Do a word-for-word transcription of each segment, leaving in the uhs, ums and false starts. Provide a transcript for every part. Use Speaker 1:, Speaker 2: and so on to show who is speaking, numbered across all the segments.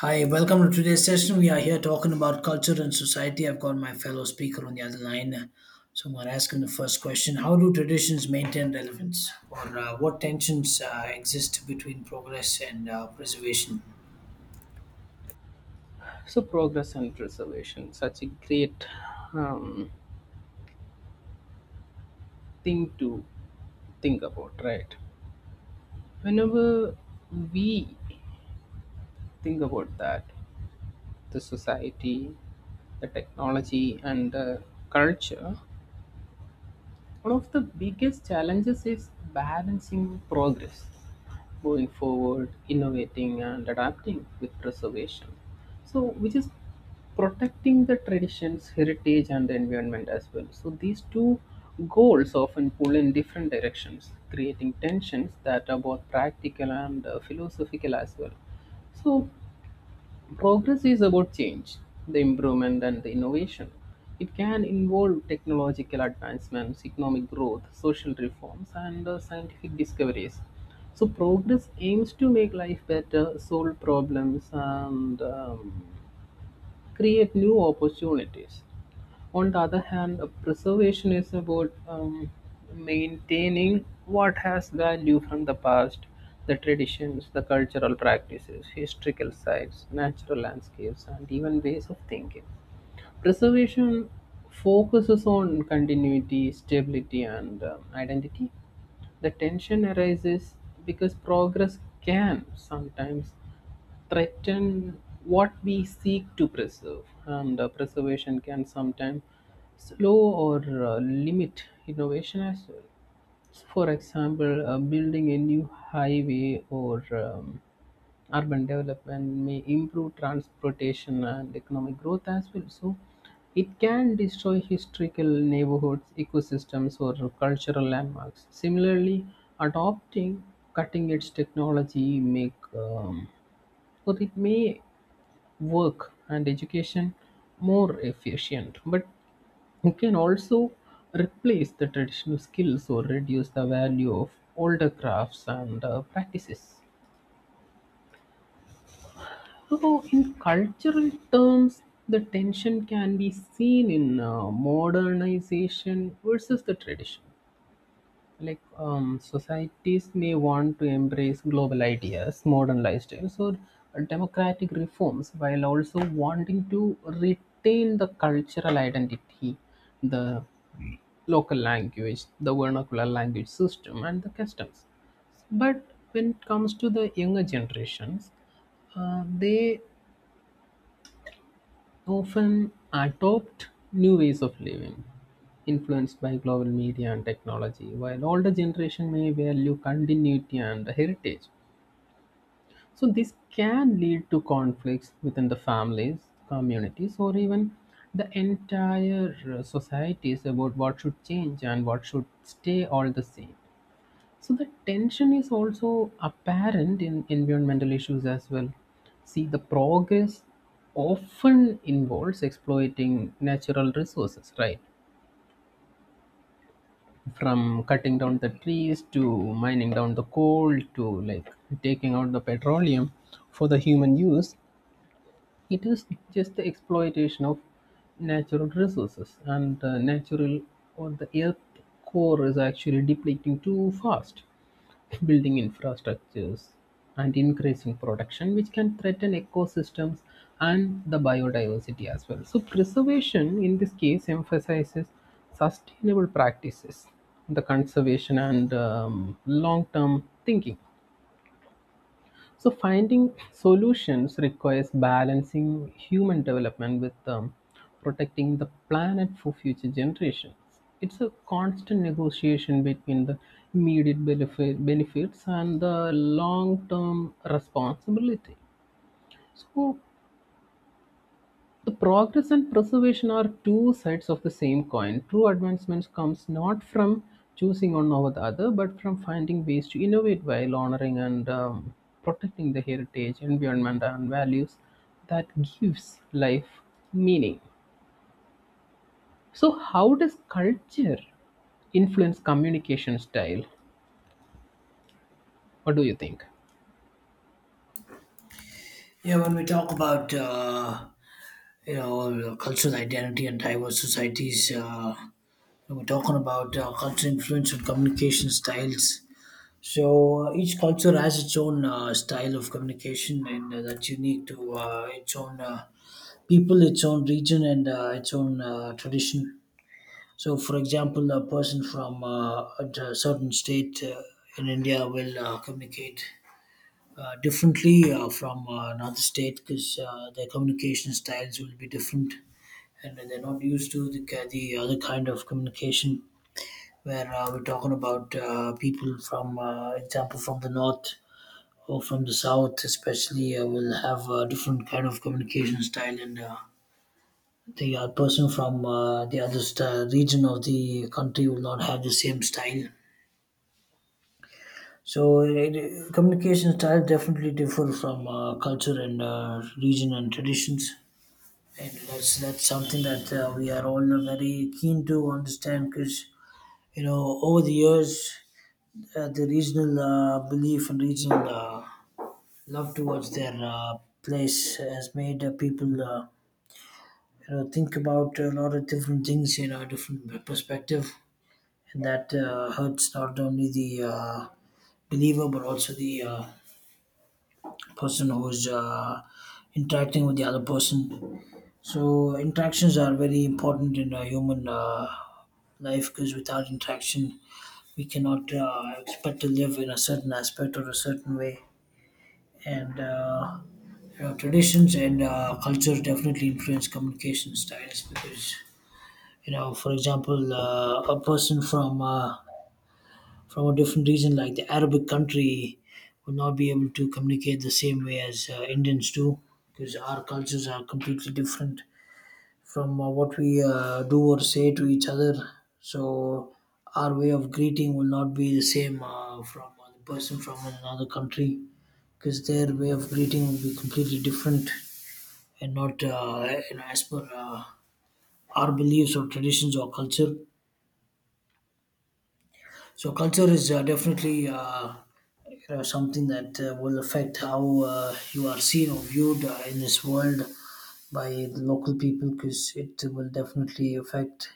Speaker 1: Hi, welcome to today's session. We are here talking about culture and society. I've got my fellow speaker on the other line. So I'm going to ask him the first question. How do traditions maintain relevance? Or uh, what tensions uh, exist between progress and uh, preservation?
Speaker 2: So progress and preservation, such a great um, thing to think about, right? Whenever we think about that, the society, the technology, and the culture, one of the biggest challenges is balancing progress going forward, innovating, and adapting with preservation. So, which is protecting the traditions, heritage, and the environment as well. So, these two goals often pull in different directions, creating tensions that are both practical and uh, philosophical as well. So, progress is about change, the improvement, and the innovation. It can involve technological advancements, economic growth, social reforms, and uh, scientific discoveries. So, progress aims to make life better, solve problems, and um, create new opportunities. On the other hand, uh, preservation is about um, maintaining what has value from the past, the traditions, the cultural practices, historical sites, natural landscapes, and even ways of thinking. Preservation focuses on continuity, stability, and uh, identity. The tension arises because progress can sometimes threaten what we seek to preserve, and uh, preservation can sometimes slow or uh, limit innovation as well. For example, uh, building a new highway or um, urban development may improve transportation and economic growth as well. So, it can destroy historical neighborhoods, ecosystems, or cultural landmarks. Similarly, adopting cutting edge technology make um, or it may work and education more efficient, but it can also replace the traditional skills or reduce the value of older crafts and uh, practices. So, in cultural terms, the tension can be seen in uh, modernization versus the tradition. Like um, societies may want to embrace global ideas, modern lifestyles, or democratic reforms, while also wanting to retain the cultural identity, the local language, the vernacular language system, and the customs. But when it comes to the younger generations, uh, they often adopt new ways of living influenced by global media and technology, while older generation may value continuity and heritage. So this can lead to conflicts within the families, communities, or even the entire uh, societies about what should change and what should stay all the same. So the tension is also apparent in environmental issues as well. See, the progress often involves exploiting natural resources, right? From cutting down the trees to mining down the coal to like taking out the petroleum for the human use. It is just the exploitation of natural resources, and the natural or the earth core is actually depleting too fast, building infrastructures and increasing production, which can threaten ecosystems and the biodiversity as well. So, preservation in this case emphasizes sustainable practices, the conservation and um, long term thinking, so finding solutions requires balancing human development with um, protecting the planet for future generations. It's a constant negotiation between the immediate benefit, benefits and the long-term responsibility. So the progress and preservation are two sides of the same coin. True advancement comes not from choosing one over the other, but from finding ways to innovate while honoring and um, protecting the heritage, environment, and values that gives life meaning. So, how does culture influence communication style? What do you think?
Speaker 1: Yeah, when we talk about uh, you know cultural identity and diverse societies, uh, we're talking about uh, cultural influence and communication styles. So uh, each culture has its own uh, style of communication, and uh, that's unique to uh, its own uh, people, its own region, and uh, its own uh, tradition. So, for example, a person from uh, a certain state uh, in India will uh, communicate uh, differently uh, from uh, another state because uh, their communication styles will be different, and they're not used to the, ki- the other kind of communication. Where uh, we're talking about uh, people from, uh, example, from the north or from the south, especially, uh, will have a different kind of communication style, and uh, the uh, person from uh, the other st- region of the country will not have the same style. So it, communication style definitely differ from uh, culture and uh, region and traditions, and that's that's something that uh, we are all very keen to understand because you know, over the years, uh, the regional uh, belief and regional uh, love towards their uh, place has made uh, people uh, you know, think about a lot of different things, you know, different perspective. And that uh, hurts not only the uh, believer, but also the uh, person who's uh, interacting with the other person. So interactions are very important in a human uh, life, because without interaction, we cannot uh, expect to live in a certain aspect or a certain way. And uh, Yeah, traditions and uh, culture definitely influence communication styles because you know, for example, uh, a person from uh, from a different region like the Arabic country will not be able to communicate the same way as uh, Indians do, because our cultures are completely different from uh, what we uh, do or say to each other. So our way of greeting will not be the same uh, from a person from another country, because their way of greeting will be completely different and not uh, you know, as per uh, our beliefs or traditions or culture. So culture is uh, definitely uh, you know, something that uh, will affect how uh, you are seen or viewed uh, in this world by the local people, because it will definitely affect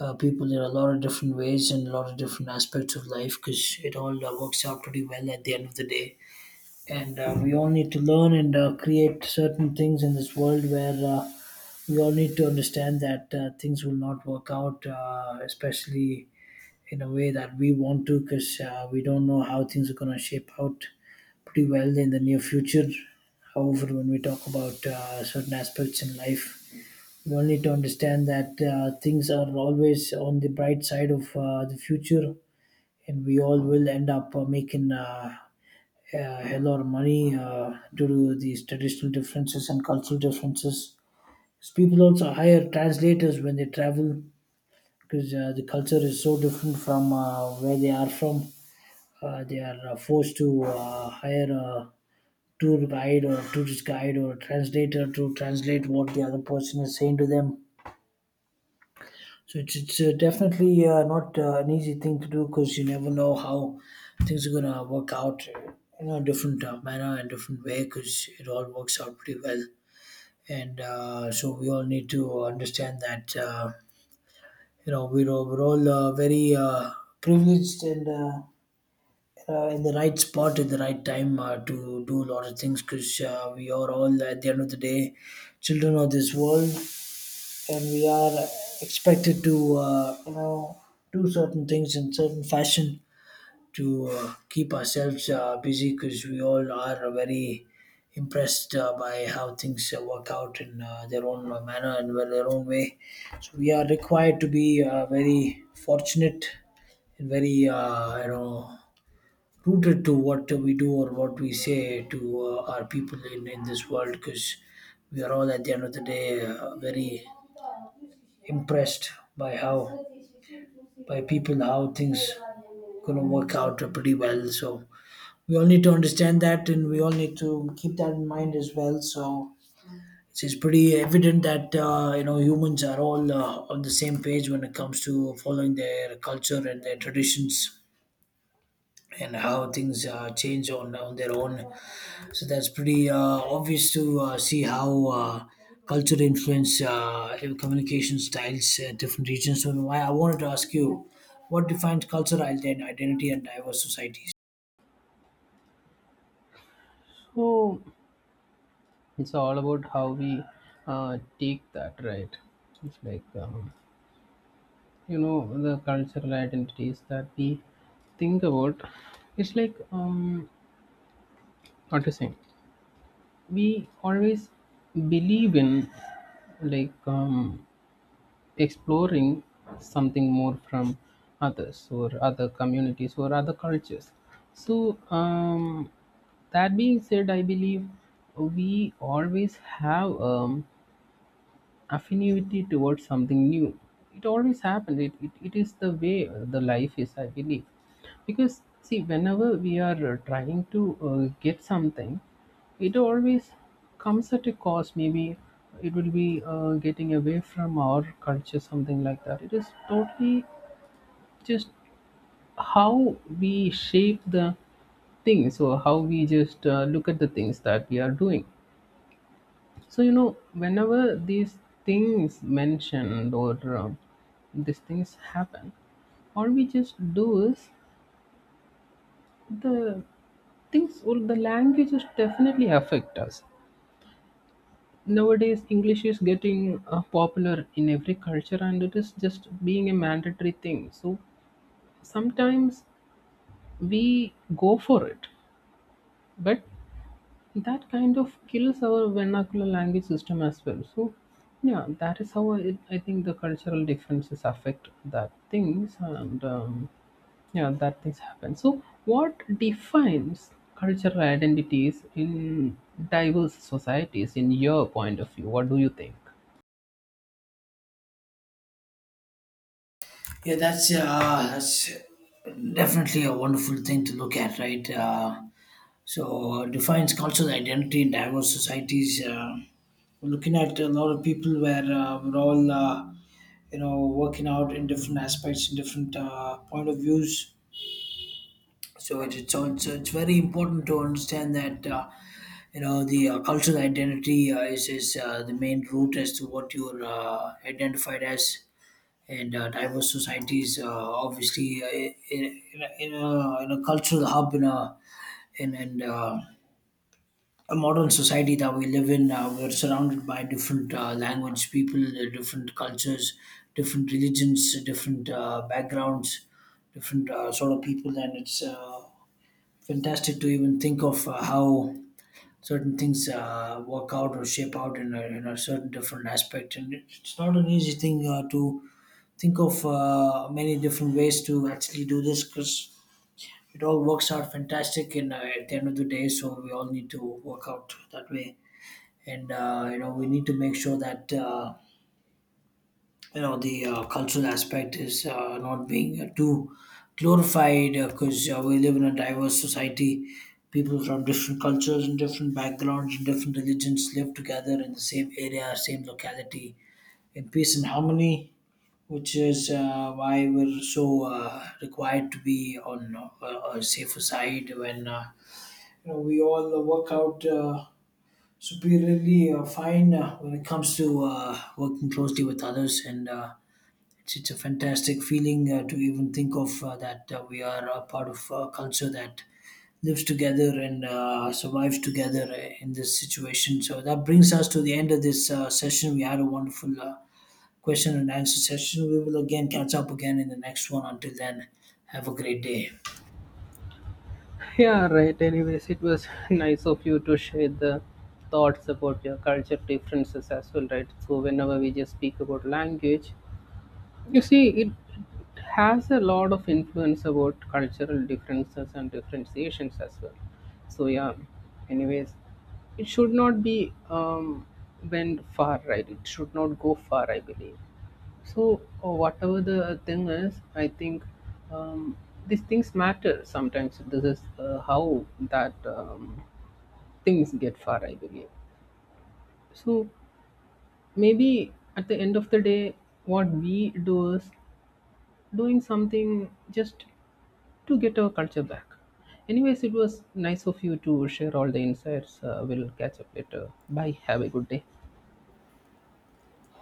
Speaker 1: uh, people in a lot of different ways and a lot of different aspects of life, because it all uh, works out pretty well at the end of the day. And uh, we all need to learn and uh, create certain things in this world where uh, we all need to understand that uh, things will not work out, uh, especially in a way that we want to, because uh, we don't know how things are going to shape out pretty well in the near future. However, when we talk about uh, certain aspects in life, we all need to understand that uh, things are always on the bright side of uh, the future, and we all will end up uh, making uh, a hell of money uh, due to these traditional differences and cultural differences, because people also hire translators when they travel, because uh, the culture is so different from uh, where they are from. Uh, they are uh, forced to uh, hire a tour guide or tourist guide or a translator to translate what the other person is saying to them. So it's, it's uh, definitely uh, not uh, an easy thing to do, because you never know how things are gonna work out in a different uh, manner and different way, because it all works out pretty well. And uh, so we all need to understand that. Uh, you know, we were, all- we're all uh, very uh, privileged and uh, uh, in the right spot at the right time uh, to do a lot of things, because uh, we are all at the end of the day children of this world, and we are expected to uh, you know, do certain things in certain fashion to uh, keep ourselves uh, busy, because we all are very impressed uh, by how things uh, work out in uh, their own uh, manner and well, their own way. So we are required to be uh, very fortunate and very, uh, you know, rooted to what we do or what we say to uh, our people in, in this world, because we are all at the end of the day uh, very impressed by how, by people how things gonna work out pretty well. So we all need to understand that, and we all need to keep that in mind as well. So it's, it's pretty evident that uh, you know, humans are all uh, on the same page when it comes to following their culture and their traditions and how things uh, change on, on their own. So that's pretty uh, obvious to uh, see how uh, culture influence uh, communication styles at different regions. So i I wanted to ask you, what defines cultural ident- identity and diverse societies?
Speaker 2: So, it's all about how we uh, take that, right? It's like um, you know the cultural identities that we think about, it's like um what to say, we always believe in like um exploring something more from others or other communities or other cultures. So um that being said, I believe we always have um affinity towards something new. It always happens. It, it, it is the way uh, the life is, I believe. Because see, whenever we are uh, trying to uh, get something, it always comes at a cost. Maybe it will be uh, getting away from our culture, something like that. It is totally just how we shape the thing, so how we just uh, look at the things that we are doing. So you know, whenever these things mentioned or uh, these things happen, all we just do is the things or the languages definitely affect us. Nowadays, English is getting uh, popular in every culture, and it is just being a mandatory thing. So sometimes we go for it, but that kind of kills our vernacular language system as well. So yeah, that is how i, I think the cultural differences affect that things, and um, yeah, that things happen. So what defines cultural identities in diverse societies in your point of view? What do you think?
Speaker 1: Yeah, that's uh, that's definitely a wonderful thing to look at, right? Uh, so uh, defines cultural identity in diverse societies. Uh, we're looking at a lot of people where uh, we're all, uh, you know, working out in different aspects, in different uh, point of views. So it, it's all- it's it's very important to understand that uh, you know, the uh, cultural identity uh, is is uh, the main root as to what you're uh, identified as, and uh, diverse societies. Uh, obviously, uh, in, in, a, in a in a cultural hub, in a in and uh, a modern society that we live in, uh, we're surrounded by different uh, language people, uh, different cultures, different religions, different uh, backgrounds, different uh, sort of people, and it's uh, fantastic to even think of uh, how certain things uh, work out or shape out in a, in a certain different aspect. And it's it's not an easy thing uh, to think of uh, many different ways to actually do this, because it all works out fantastic and uh, at the end of the day. So we all need to work out that way, and uh, you know, we need to make sure that uh, you know, the uh, cultural aspect is uh, not being uh, too glorified, because uh, we live in a diverse society. People from different cultures and different backgrounds and different religions live together in the same area, same locality, in peace and harmony, which is uh, why we're so uh, required to be on uh, a safer side when uh, you know, we all work out uh, superiorly uh, fine uh, when it comes to uh, working closely with others. And uh, it's, it's a fantastic feeling uh, to even think of uh, that uh, we are a part of a culture that lives together and uh, survives together uh, in this situation. So that brings us to the end of this uh, session. We had a wonderful uh, question and answer session. We will again catch up again in the next one. Until then, have a great day.
Speaker 2: Yeah, right. Anyways, it was nice of you to share the thoughts about your culture differences as well, right? So whenever we just speak about language, you see, it has a lot of influence about cultural differences and differentiations as well. So yeah, anyways, it should not be um, went far, right? It should not go far, I believe. So uh, whatever the thing is, I think um, these things matter sometimes. This is uh, how that um, things get far, I believe. So maybe at the end of the day, what we do is doing something just to get our culture back. Anyways, it was nice of you to share all the insights. Uh, we'll catch up later. Bye. Have a good day.